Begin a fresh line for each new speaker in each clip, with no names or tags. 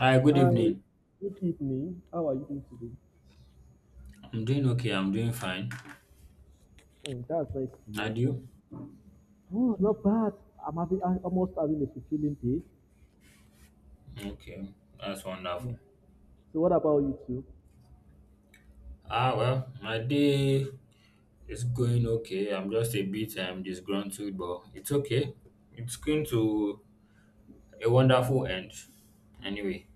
Hi, good
Hi,
evening.
good evening. How are you doing today?
I'm doing okay. I'm doing fine.
Oh, that's nice to hear.
And you?
Oh, not bad. I'm almost having a fulfilling day.
Okay, that's
Yeah.
wonderful.
So what about you two?
Ah, well, my day is going okay. I'm just a bit disgruntled, but it's okay. It's going to a wonderful end. Anyway,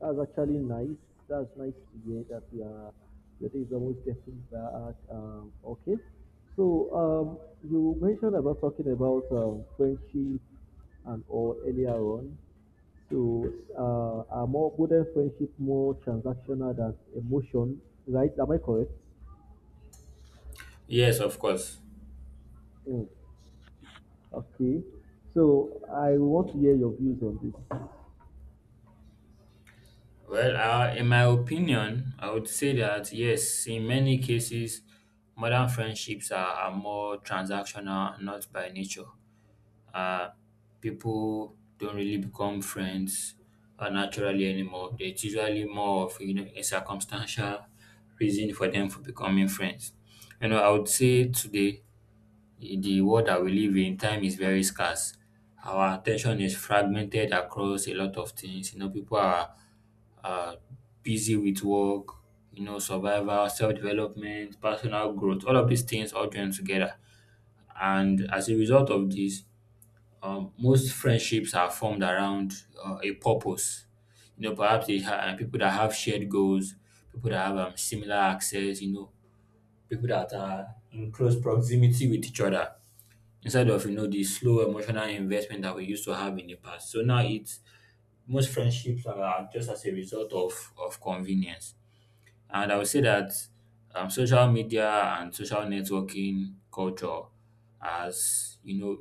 That's actually nice. That's nice to hear that your day is almost getting back. You mentioned about talking about friendship and all earlier on. So are more wouldn't friendship more transactional than emotion, right? Am I correct?
yes, of course.
Mm. Okay, so I want to hear your views on this.
Well, in my opinion, I would say that yes, in many cases, modern friendships are more transactional, not by nature. Uh, people don't really become friends naturally anymore. It's usually more of a circumstantial reason for them for becoming friends. I would say today the world that we live in, time is very scarce. Our attention is fragmented across a lot of things. People are uh, busy with work, survival, self development, personal growth. All of these things all join together, and as a result of this, most friendships are formed around a purpose. Perhaps people that have shared goals, people that have similar access. People that are in close proximity with each other. Instead of the slow emotional investment that we used to have in the past. So now it's most friendships are just as a result of convenience. And I would say that social media and social networking culture as you know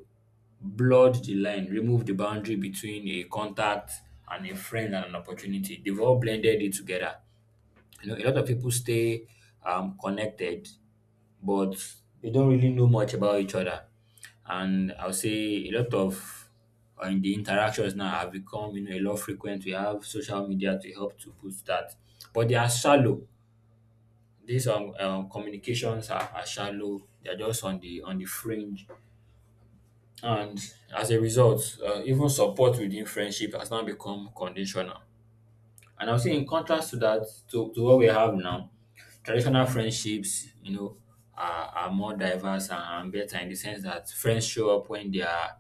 blurred the line, removed the boundary between a contact and a friend and an opportunity. They've all blended it together. A lot of people stay connected, but they don't really know much about each other. And I'll say a lot of in the interactions now have become a lot frequent. We have social media to help to push that, but they are shallow. These communications are shallow. They are just on the fringe. And as a result, even support within friendship has now become conditional. And I'll say, in contrast to that, to what we have now, traditional friendships, are more diverse and better in the sense that friends show up when they are,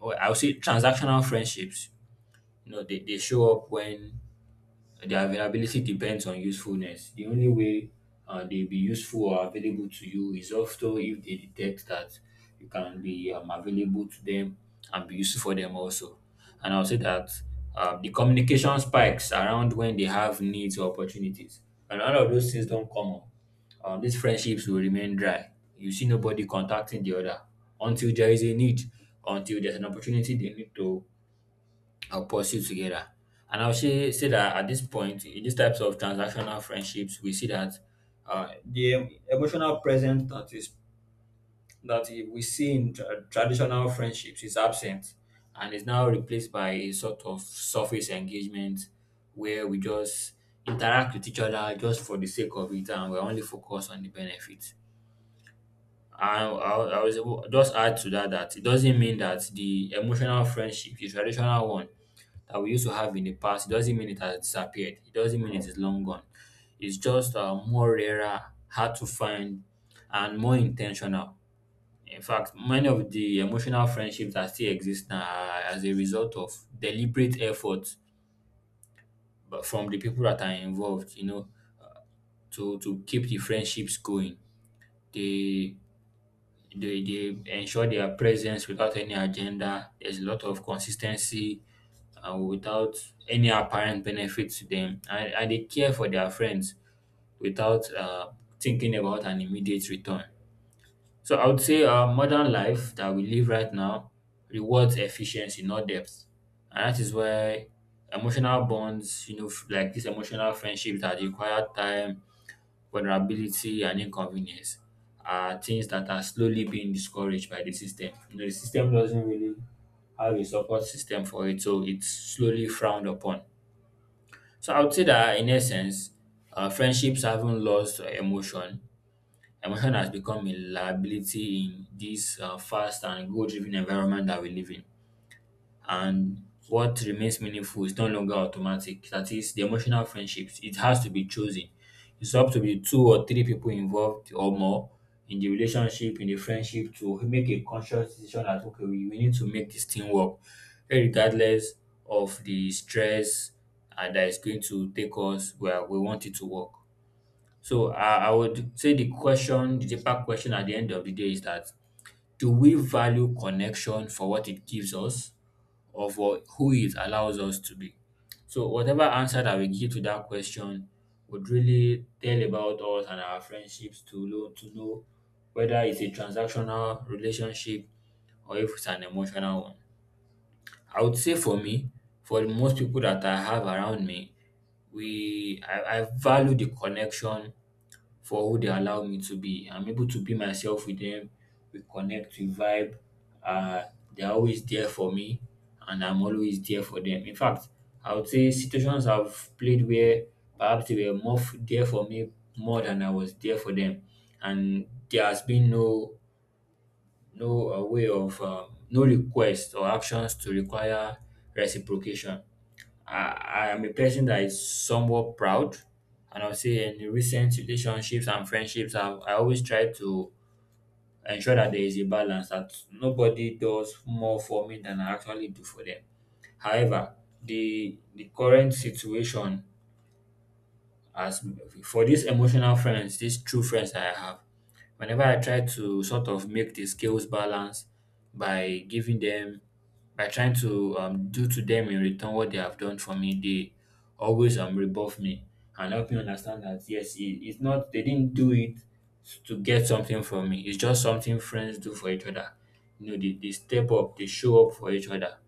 or I'll say transactional friendships, they show up when. Their availability depends on usefulness. The only way they'll be useful or available to you is also if they detect that you can be available to them and be useful for them also. And I'll say that the communication spikes around when they have needs or opportunities. And all of those things don't come up. These friendships will remain dry. You see nobody contacting the other until there is a need, until there's an opportunity they need to I'll pursue together. And I'll say that at this point, in these types of transactional friendships, we see that the emotional presence that we see in traditional friendships is absent and is now replaced by a sort of surface engagement where we just interact with each other just for the sake of it and we're only focused on the benefits. I was able, just add to that that it doesn't mean that the emotional friendship, the traditional one, that we used to have in the past, it doesn't mean it has disappeared. It doesn't mean it is long gone. It's just more rarer, hard to find, and more intentional. In fact, many of the emotional friendships that still exist now are as a result of deliberate effort but from the people that are involved, to keep the friendships going. They, they ensure their presence without any agenda. There's a lot of consistency and without any apparent benefit to them, and they care for their friends without thinking about an immediate return. So I would say our modern life that we live right now rewards efficiency, not depth, and that is why emotional bonds, like this emotional friendship that require time, vulnerability, and inconvenience, are things that are slowly being discouraged by the system. The system doesn't really have a support system for it, so it's slowly frowned upon. So I would say that in essence, friendships haven't lost emotion. Emotion has become a liability in this fast and goal-driven environment that we live in, and what remains meaningful is no longer automatic. That is, the emotional friendships, it has to be chosen. It's up to be two or three people involved or more in the relationship, in the friendship to make a conscious decision that, okay, we need to make this thing work, regardless of the stress that is going to take us where we want it to work. So I would say the question, the deeper question at the end of the day is that, do we value connection for what it gives us? Or for who it allows us to be. So whatever answer that we give to that question would really tell about us and our friendships to know whether it's a transactional relationship or if it's an emotional one. I would say for me, for most people that I have around me, I value the connection for who they allow me to be. I'm able to be myself with them. We connect, we vibe. Uh, they're always there for me, and I'm always there for them. In fact, I would say situations I've played where perhaps they were more there for me more than I was there for them, and there has been no way of no request or actions to require reciprocation. I am a person that is somewhat proud, and I'll say in recent relationships and friendships, I always try to ensure that there is a balance, that nobody does more for me than I actually do for them. However, the current situation, as for these emotional friends, these true friends that I have, whenever I try to sort of make the scales balance by giving them, by trying to do to them in return what they have done for me, they always rebuff me and help me understand that yes, it's not, they didn't do it to get something from me. It's just something friends do for each other. They step up, they show up for each other,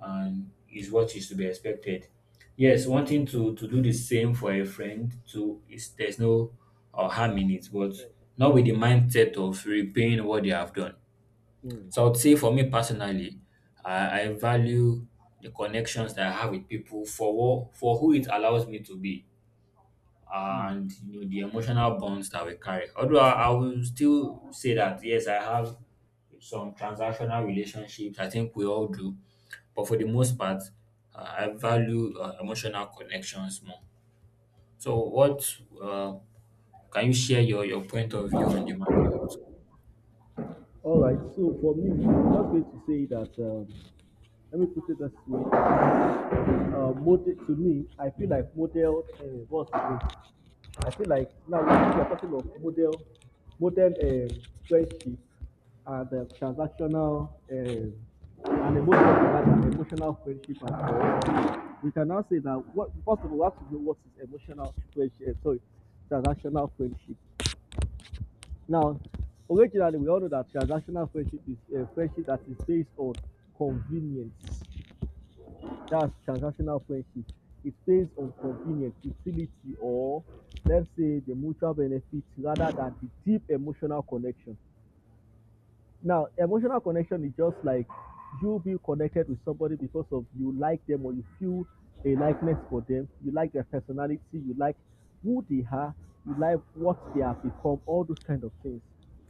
and is what is to be expected. Yes, wanting to do the same for a friend too is, there's no harm in it, but not with the mindset of repaying what they have done.
Mm,
So I would say for me personally, I value the connections that I have with people for what, for who it allows me to be,
mm.
and you know the emotional bonds that we carry. Although I will still say that yes, I have some transactional relationships. I think we all do, but for the most part, I value emotional connections more. So what, uh, can you share your point of view on the matter?
All right, so for me, I'm just going to say that, let me put it this way. Uh, model to me, I feel like model what's the name? I feel like now we are talking of model model friendship and transactional and emotional friendship as well. We can now say that what first of all we have to know what is emotional friendship. Sorry, transactional friendship. Now, originally we all know that transactional friendship is a friendship that is based on convenience. That's transactional friendship. It's based on convenience, utility, or let's say the mutual benefit rather than the deep emotional connection. Now, emotional connection is just like you being connected with somebody because of you like them or you feel a likeness for them, you like their personality, you like who they are, you like what they have become, all those kind of things.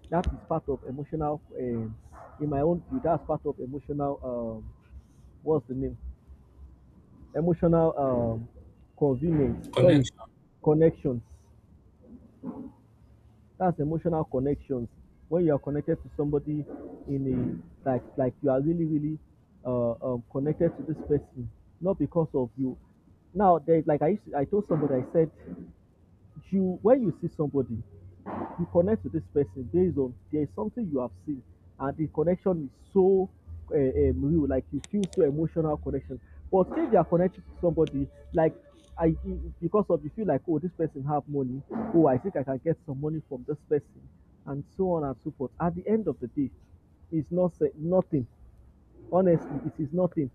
That is part of emotional, in my own view, that's part of emotional, what's the name? Emotional convenience sorry
Connection.
connections. That's emotional connections, when you are connected to somebody in a like you are really connected to this person, not because of you. Now there's like, I used to. I told somebody, I said, you when you see somebody, you connect to this person based on there is something you have seen, and the connection is so real, like you feel so emotional connection. But if you are connected to somebody like because of you feel like, oh, this person have money, oh, I think I can get some money from this person, and so on and so forth. At the end of the day, it's not se- nothing. Honestly, it is nothing.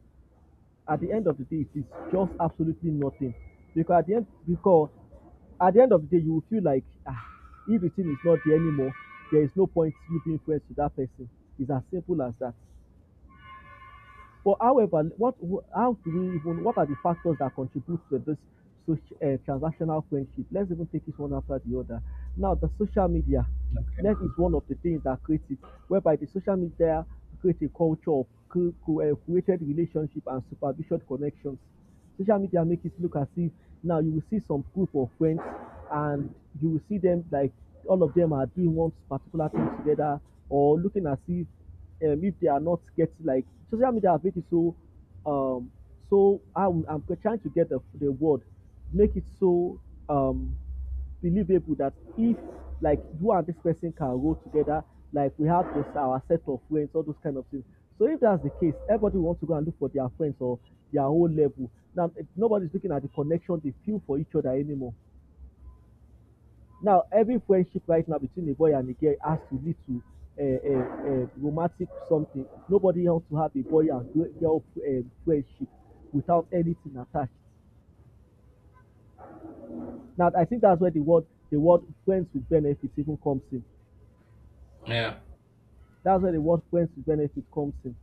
At the end of the day, it is just absolutely nothing. Because at the end of the day, you will feel like, ah, if the thing is not there anymore, there is no point giving influence to that person. It's as simple as that. But however, what how do we even, what are the factors that contribute to this social transactional friendship? Let's even take it one after the other. Now, the social media, that is one of the things that creates it, whereby the social media creates a culture of created relationship and supervision connections. Social media make it look as if now you will see some group of friends, and you will see them like all of them are doing one particular thing together or looking as if they are not getting, like social media has made it so um so I'm trying to get the word, make it so um believable that if like you and this person can roll together, like we have this our set of friends, all those kind of things. So if that's the case, everybody wants to go and look for their friends or their own level now. Nobody's looking at the connection they feel for each other anymore. Now, every friendship right now between a boy and a girl has to lead to uh, romantic something. Nobody wants to have a boy and girl friendship without anything attached. Now, I think that's where the word friends with benefits even comes in.
Yeah.
That's where the word friends with benefits comes in.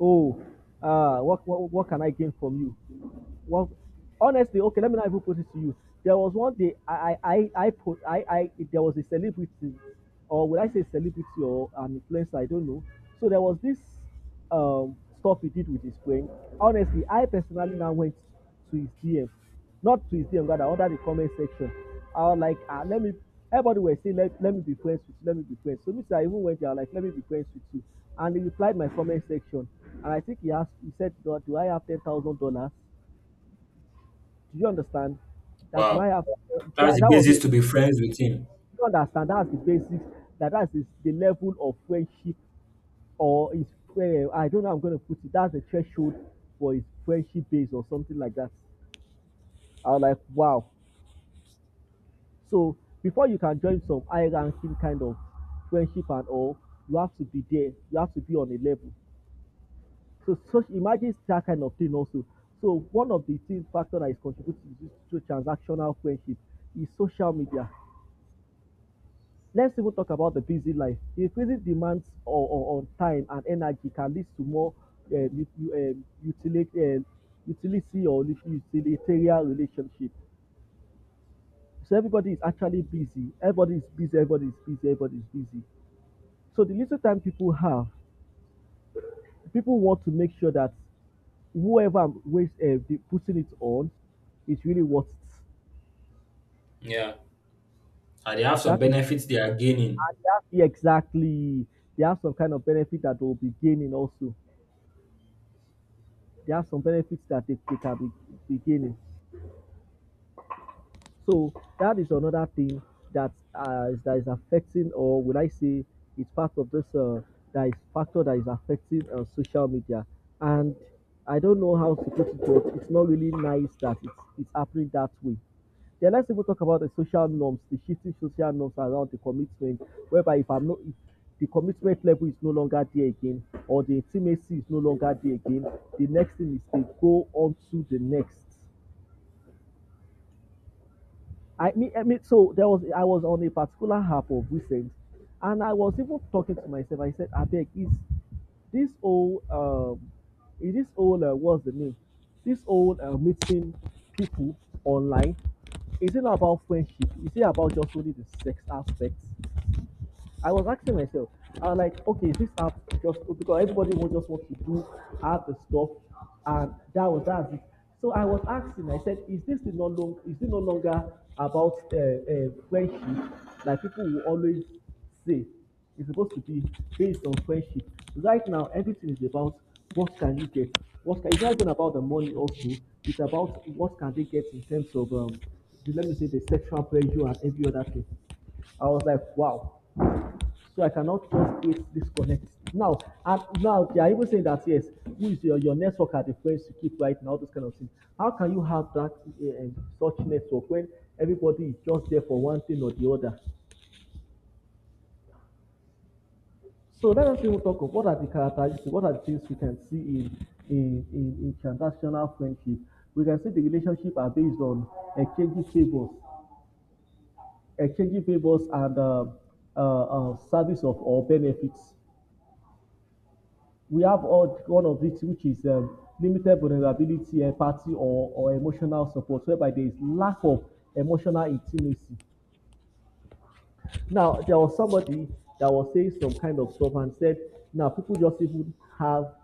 Oh, what can I gain from you? Well, honestly, okay, let me not even put it to you. There was one day I put I there was a celebrity, or would I say celebrity or an influencer? I don't know. So there was this stuff he did with his brain. Honestly, I personally now went to his DM, rather under the comment section. I was like, ah, let me. Everybody was saying, let me be friends with you, let me be friends. So me too, I even went there, like, let me be friends with you. And he replied my comment section. And I think he asked, he said, do I have $10,000? Do you understand that why
Wow.
have
That's
that,
the
that was
basis
you
to be friends with him.
understand that's the basics. That is the level of friendship, or is, I don't know how I'm gonna put it, that's the threshold for his friendship base or something like that. I was like, wow. So before you can join some high ranking kind of friendship and all, you have to be there. You have to be on a level. So such, imagine that kind of thing also. So one of the things factor that is contributing to transactional friendship is social media. Let's even talk about the busy life. Increasing demands on time and energy can lead to more u- u- utility, utility or lit- utilitarian relationship. So everybody is actually busy. Everybody is busy. Everybody is busy. Everybody is busy. So the little time people have, people want to make sure that whoever I'm with, putting it on is really worth it.
Yeah. And they have some
That is,
benefits they are gaining.
and they have, yeah, exactly. They have some kind of benefit that they'll be gaining also. There are some benefits that they can be gaining. So that is another thing that that is affecting, or will I say, it's part of this that is factor that is affecting social media. And I don't know how to put it, but it's not really nice that it's happening that way. Then let's even talk about the social norms, the shifting social norms around the commitment, whereby if I'm not if the commitment level is no longer there again, or the intimacy is no longer there again, the next thing is they go on to the next. I mean, so there was, I was on a particular half of recent, and I was even talking to myself. I said, "I beg, this whole um, is this whole what's the name? this whole meeting people online, is it not about friendship? Is it about just only the sex aspects?" I was asking myself, I was like, okay, this app, just because everybody will just want to do have the stuff, and that's it. So I was asking, I said, is it no longer about friendship? Like people will always say, it's supposed to be based on friendship. Right now, everything is about what can you get. It's not even about the money also. It's about what can they get in terms of let me say the sexual pressure and every other thing. I was like, wow. So I cannot just create this connect. Now, and now they are even saying that yes, who is your network are the friends you keep right now, this kind of thing. How can you have that such network when everybody is just there for one thing or the other? So let us even talk of what are the characteristics, what are the things we can see in transactional friendship. We can see the relationship are based on exchanging favors, exchanging favors and service of or benefits. We have all, one of these, which is limited vulnerability, empathy, or emotional support, whereby there is lack of emotional intimacy. Now, there was somebody that was saying some kind of stuff and said, now people just even have,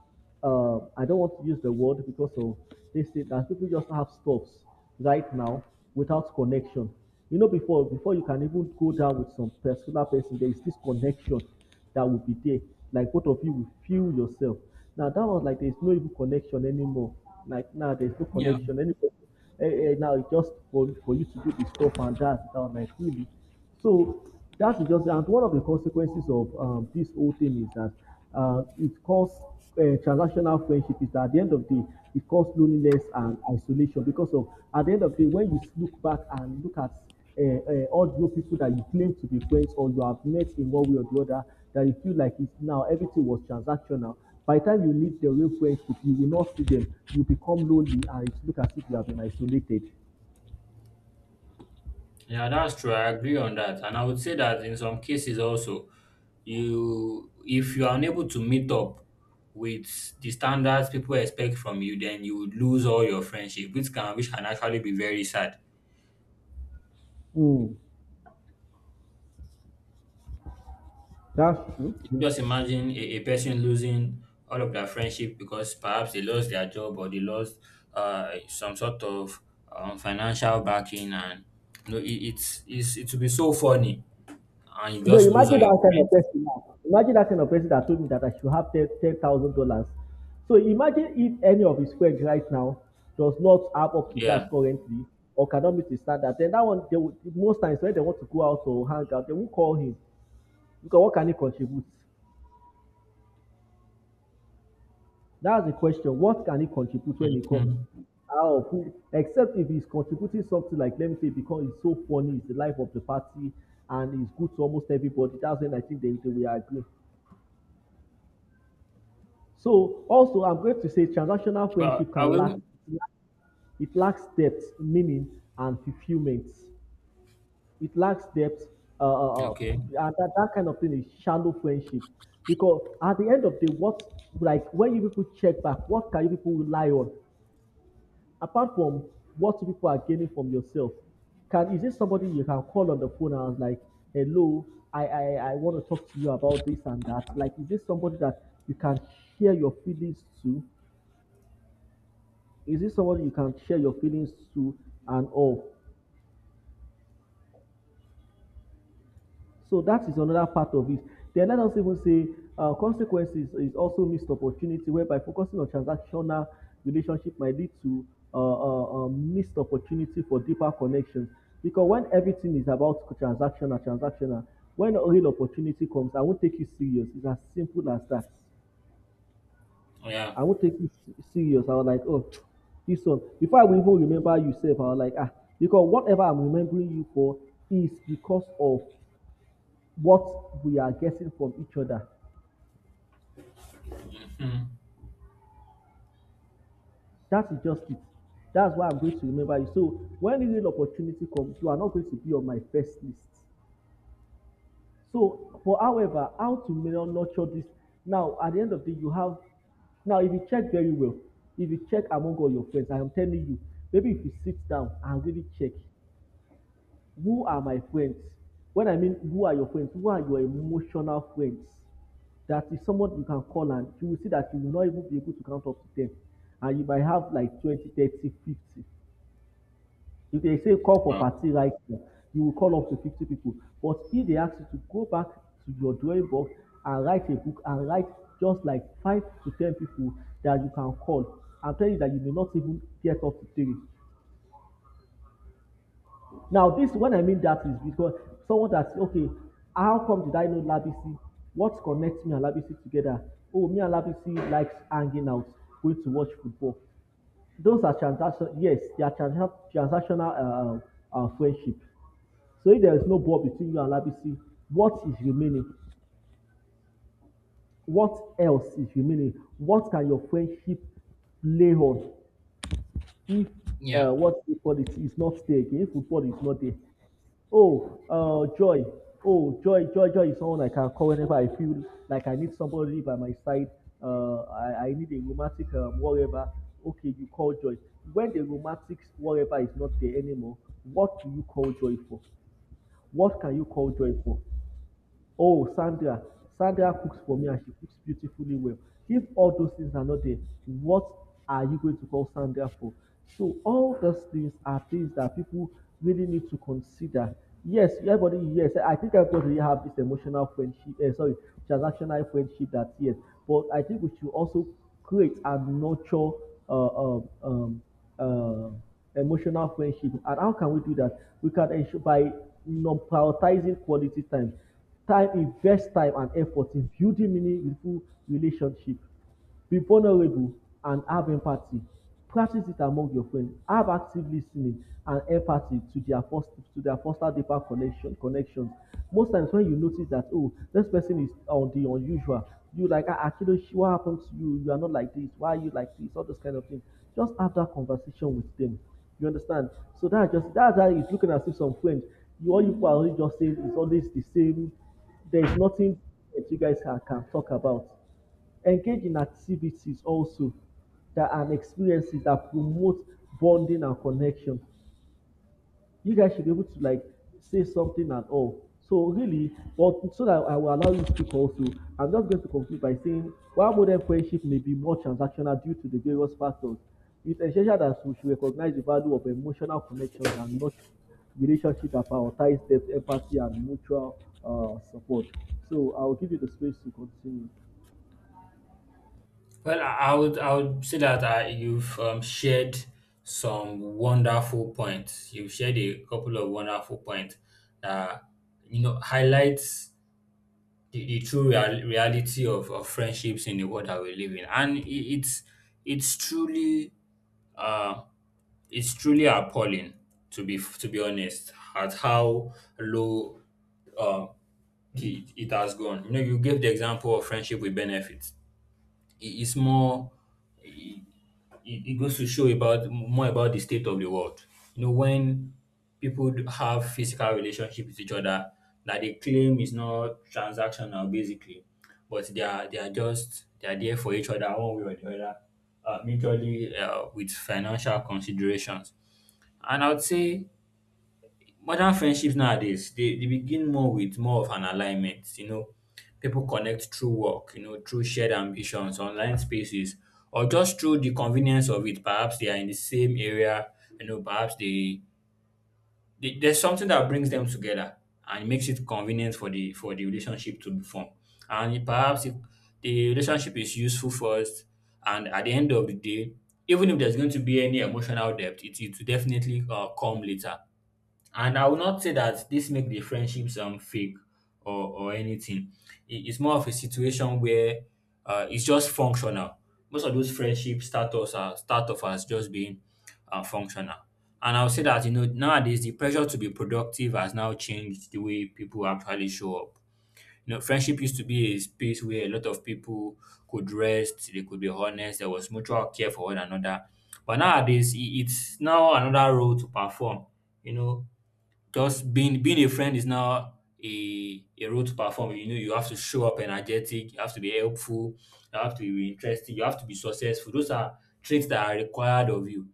I don't want to use the word because of this thing, that people just have stuffs right now without connection. You know, before you can even go down with some particular person, there is this connection that will be there. Like both of you will feel yourself. Now that was like there's no even connection anymore. Like now, nah, there's no
Yeah.
connection anymore. eh, Now it's just for you to do the stuff and dance down like really. So that is just and one of the consequences of this whole thing is that it causes transactional friendship is that at the end of the day it causes loneliness and isolation because of at the end of the day when you look back and look at all those people that you claim to be friends or you have met in one way or the other that you feel like it's now everything was transactional. By the time you meet dem wey fuel tip, you will not see dem. You become lonely and it look as if you have been isolated.
Yeah, that's true. I agree on that. And I would say that in some cases also, you if you are unable to meet up with the standards people expect from you, then you would lose all your friendship, which can actually be very sad.
Mm, that's true.
You can just imagine a person losing all of their friendship because perhaps they lost their job or they lost some sort of financial backing, and you know, it, it's it would be so funny and you
You know,
just lose all
imagine
your
that kind of
friends.
person now. Imagine that kind of person that told me that I should have ten thousand dollars. So imagine if any of his friends right now does not have up to
Yeah.
that currently or cannot meet his standard, then that one they will most times when they want to go out or hang out, they won't call him, because what can he contribute? That's the question. What can he contribute when he comes?
Hmm.
How? Except if he's contributing something like, let me say, because it's so funny, it's the life of the party, and it's good to almost everybody. That's when I think they will agree. So, also, I'm going to say transactional
Well,
friendship
I
can lack,
will.
it lacks depth, meaning, and fulfillment. It lacks depth, uh, uh, uh,
Okay.
and that kind of thing is shallow friendship. Because at the end of the day, what, like, when you people check back, what can you people rely on? Apart from what people are gaining from yourself, can is this somebody you can call on the phone and I was like, hello, I, I, I want to talk to you about this and that? Like, is this somebody that you can share your feelings to? Is this somebody you can share your feelings to and all? So that is another part of it. Then let us even say consequences is also missed opportunity, whereby focusing on transactional relationship might lead to missed opportunity for deeper connections. Because when everything is about transactional, transactional, when a real opportunity comes, I won't take you serious. It's as simple as that.
Yeah.
I won't take you serious. I was like, oh, this one. Before I will even remember you, self, I was like, ah, because whatever I'm remembering you for is because of what we are getting from each other.
Mhm.
That is just it. That's why I'm going to remember you. So when the real opportunity comes, you are not going to be on my first list. So, but however, how to nurture this? Now, at the end of the day, you have now if you check very well, if you check among all your friends, I am telling you, maybe if you sit down and really check, who are my friends? When I mean who are your friends, who are your emotional friends? That is someone you can call and you will see that you will not even be able to count up to them. And you might have like 20, 30, 50. If they say call for
Well,
party right now, you will call up to 50 people. But if they ask you to go back to your drawing board and write a book and write just like 5 to 10 people that you can call, I'm telling you that you may not even get up to 3. Now, this when I mean that is because someone that say, okay, how come did I know Labisi? What connects me and Labisi together? Oh, me and Labisi likes hanging out, going to watch football. Those are transaction. Yes, they are transactional friendship. So if there is no bond between you and Labisi, what is remaining? What else is remaining? What can your friendship play on if
yeah.
what you call it is not there again? If football is not there. Oh, joy. Oh, joy is someone I can call whenever I feel like I need somebody by my side. I need a romantic whatever. Okay, you call joy. When the romantic whatever is not there anymore, what do you call joy for? What can you call joy for? Oh, Sandra. Sandra cooks for me and she cooks beautifully well. If all those things are not there, what are you going to call Sandra for? So, all those things are things that people really need to consider. Yes, everybody, yes, I think everybody really have this emotional friendship, eh, sorry, transactional friendship that yes, but I think we should also create and nurture uh, um, um, uh, emotional friendship. And how can we do that? We can ensure by non prioritizing quality time. Time invest time and effort in building meaningful relationship, be vulnerable and have empathy, practice it among your friends, have active lis ten ing and empathy to their foster deeper connection connections. Most times when you notice that oh this person is on the unusual, you like ah akidoshi what happen to you, you are not like this, why are you like this, all those kind of things, just have that conversation with them, you understand. So that's just that's how it's looking as if some friend, you all you people are always just saying it's always the same. There is nothing that you guys can talk about. Engage in activities also that and experiences that promote bonding and connection. You guys should be able to like say something at all. So really, but so that I will allow you to speak also, I'm just going to conclude by saying while modern friendship may be more transactional due to the various factors, it's essential that we should recognize the value of emotional connections and not relationship that prioritize depth, empathy, and mutual support. So I'll give you the space to continue.
Well, I would say that you've shared some wonderful points. You've shared a couple of wonderful points that highlights the true reality of friendships in the world that we live in, and it's it's truly uh it's truly appalling, to be honest, at how low um, it has gone. You gave the example of friendship with benefits. It, it's more, it goes to show about more about the state of the world. When people do have physical relationship with each other, that they claim is not transactional, basically, but they are there for each other one way or the other, mutually, with financial considerations. And I would say modern friendships nowadays, they begin more with more of an alignment. People connect through work, through shared ambitions, online spaces, or just through the convenience of it. Perhaps they are in the same area, you know, perhaps they, there's something that brings them together and makes it convenient for the relationship to be formed. Perhaps if the relationship is useful first, and at the end of the day, even if there's going to be any emotional depth, it will definitely come later. And I will not say that this make the friendships fake or anything. It's more of a situation where it's just functional. Most of those friendships start off as just being functional. And I'll say that, you know, nowadays the pressure to be productive has now changed the way people actually show up. You know, friendship used to be a space where a lot of people could rest, they could be honest, there was mutual care for one another. But nowadays, it's now another role to perform. You know, just being a friend is now a role to perform. You know, you have to show up energetic, you have to be helpful, you have to be interesting, you have to be successful. Those are traits that are required of you.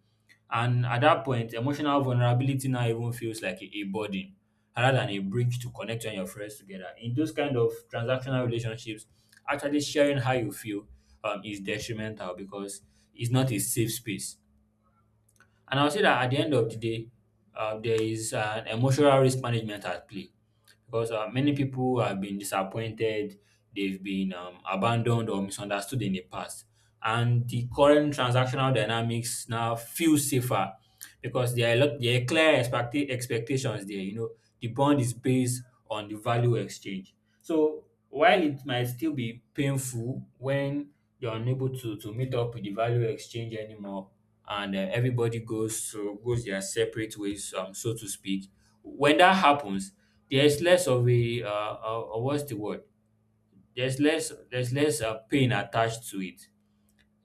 And at that point, emotional vulnerability now even feels like a burden rather than a bridge to connect you and your friends together. In those kind of transactional relationships, actually sharing how you feel is detrimental because it's not a safe space. And I will say that at the end of the day, there is an emotional risk management at play, because many people have been disappointed, they've been abandoned or misunderstood in the past. And the current transactional dynamics now feel safer because there are clear expectations there. You know, the bond is based on the value exchange. So while it might still be painful when you're unable to meet up with the value exchange anymore, and everybody goes their separate ways, so to speak. When that happens, there's less of a what's the word? There's less pain attached to it.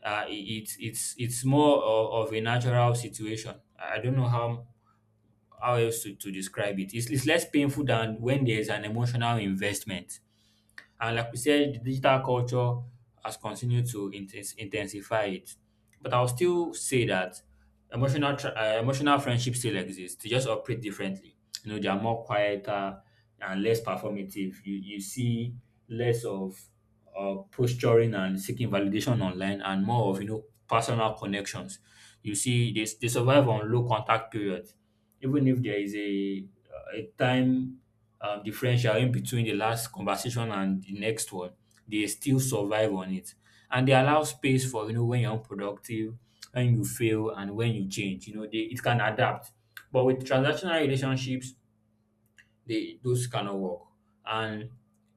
It's more of a natural situation. I don't know how else to describe it. It's less painful than when there's an emotional investment. And like we said, the digital culture has continued to intensify it. But I'll still say that emotional friendships still exist. They just operate differently. You know, they are more quieter and less performative. You see less of posturing and seeking validation online, and more of, you know, personal connections. You see they survive on low contact periods, even if there is a time differential in between the last conversation and the next one. They still survive on it, and they allow space for, you know, when you're unproductive, when you fail, and when you change. You know, it can adapt. But with transactional relationships, they those cannot work. And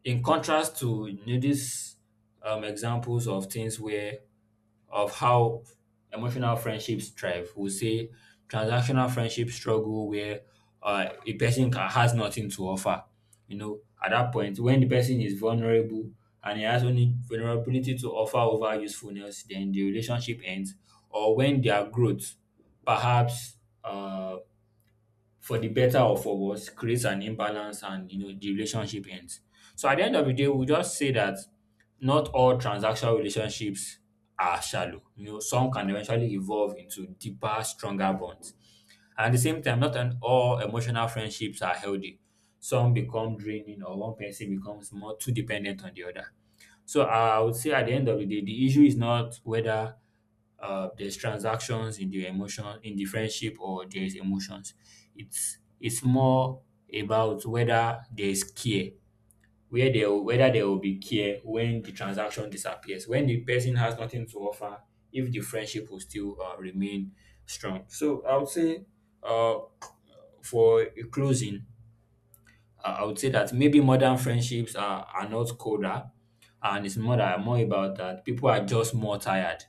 in contrast to, you know, these examples of things where of how emotional friendships thrive, we'll say transactional friendships struggle where a person ca has nothing to offer. You know, at that point, when the person is vulnerable and he has only vulnerability to offer over usefulness, then the relationship ends. Or when their growth, perhaps, uh, for the better or for worse, creates an imbalance, and, you know, the relationship ends. So at the end of the day, we just say that not all transactional relationships are shallow. You know, some can eventually evolve into deeper, stronger bonds. And at the same time, not an all emotional friendships are healthy. Some become draining, or one person becomes more too dependent on the other. So I would say at the end of the day, the issue is not whether there's transactions in the friendship, or there's emotions. It's more about whether there's care, where there whether there will be care when the transaction disappears, when the person has nothing to offer, if the friendship will still remain strong. So I would say, uh, for a closing, I would say that maybe modern friendships are not colder, and it's more about that people are just more tired,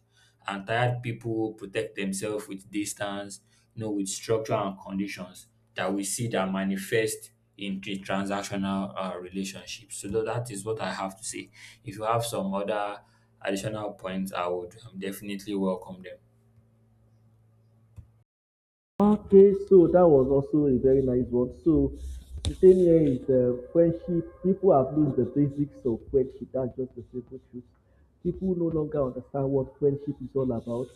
and tired people protect themselves with distance, you know, with structure and conditions that we see that manifest in the transactional relationships. So that is what I have to say. If you have some other additional points, I would definitely welcome them.
Okay, so that was also a very nice one. So the thing here is friendship. People have lost the basics of friendship. That's just the simple truth. People no longer understand what friendship is all about.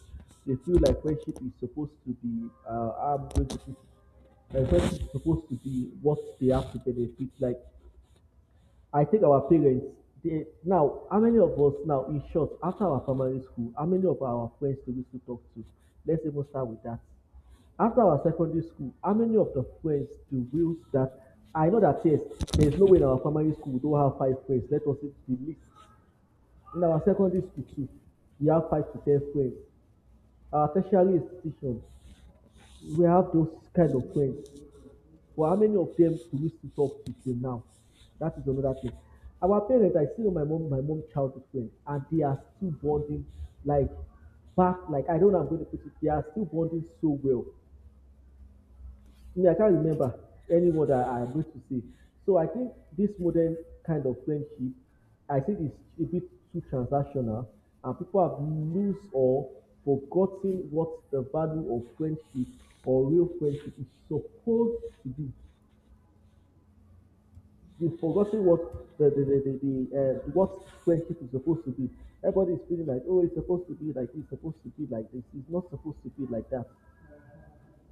They feel like friendship is supposed to be. I'm going to put it, like friendship is supposed to be what they have to benefit. Like I think our parents. They, now, how many of us now, in short, after our primary school, how many of our friends do we still talk to? Let's even start with that. After our secondary school, how many of the friends do we that I know that yes, there is no way in our primary school we don't have five friends. Let us say the least. In our secondary school too, we have five to ten friends. Our tertiary institution, we have those kind of friends. But how many of them do we still talk to till now? That is another thing. Our parents, I still know my mom childhood friend, and they are still bonding like back, like I don't know how I'm going to put it, they are still bonding so well. Me, I can't remember any word I agreed to say. So I think this modern kind of friendship, I think it's a bit too transactional, and people have lose or forgotten what the value of friendship or real friendship is supposed to be. They've forgotten what the what friendship is supposed to be. Everybody is feeling like, oh, it's supposed to be like this, it's supposed to be like this. It's not supposed to be like that.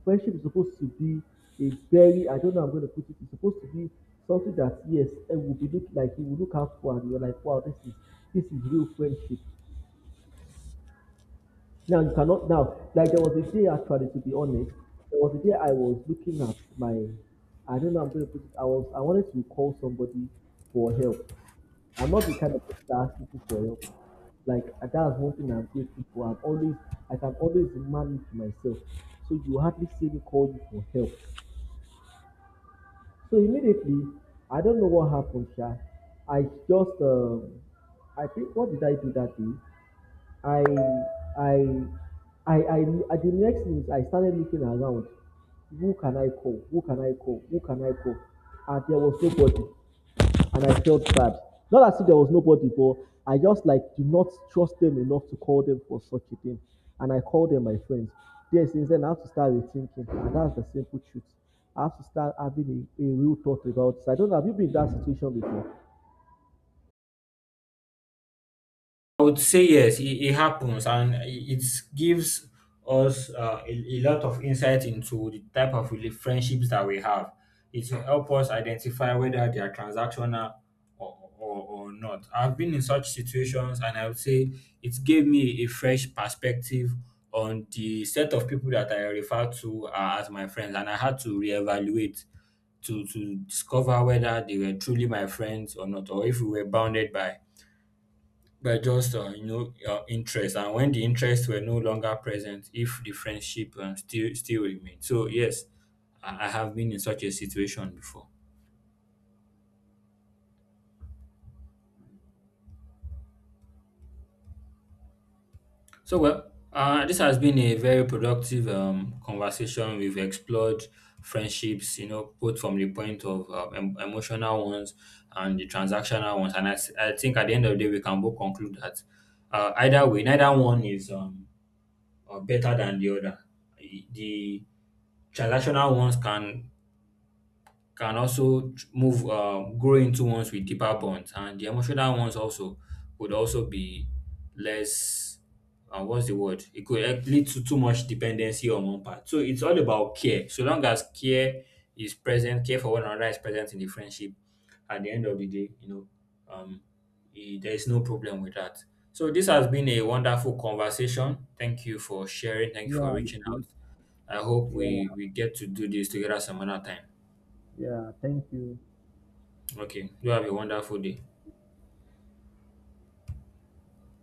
Friendship is supposed to be a very I don't know how I'm going to put it. It's supposed to be something that yes, it will be look like you will look out for and you're like, wow, this is real friendship. Now you cannot now like there was a day actually to be honest, there was a day I was looking at my I don't know how I'm going to put it. I was I wanted to call somebody for help. I'm not the kind of person that asks people for help. Like that's one thing I'm grateful for. I'm always I can always managed myself. So you hardly see me call you for help. So immediately, I don't know what happened, Sha. I just, I think, what did I do that day? I, I, I, at the next minute, I started looking around. Who can I call? Who can I call? Who can I call? And there was nobody. And I felt bad. Not as if there was nobody, but I just like do not trust them enough to call them for such a thing. And I called them my friends. Yes, since then I have to start rethinking, and that's the simple truth. I have to start having a real thought about this. I don't know. Have you been in that situation before?
I would say yes, it happens, and it gives us a lot of insight into the type of friendships that we have. It will help us identify whether they are transactional or not. I've been in such situations, and I would say it gave me a fresh perspective on the set of people that I refer to as my friends, and I had to reevaluate to discover whether they were truly my friends or not, or if we were bounded by just you know, interest, and when the interests were no longer present, if the friendship still remained. So yes, I have been in such a situation before. So well, this has been a very productive conversation. We've explored friendships, you know, both from the point of emotional ones and the transactional ones, and I think at the end of the day we can both conclude that either way, neither one is better than the other. The transactional ones can move, grow into ones with deeper bonds, and the emotional ones also would also be less, what's the word, it could help lead to too much dependency on one part. So it's all about care. So long as care is present, care for one another is present in the friendship at the end of the day, you know, um there is no problem with that. So this has been a wonderful conversation. Thank you for sharing, thank you for
Yeah,
reaching
it is.
out. I hope
Yeah,
we get to do this together some other time.
yeah. Thank you.
Okay. You have a wonderful day.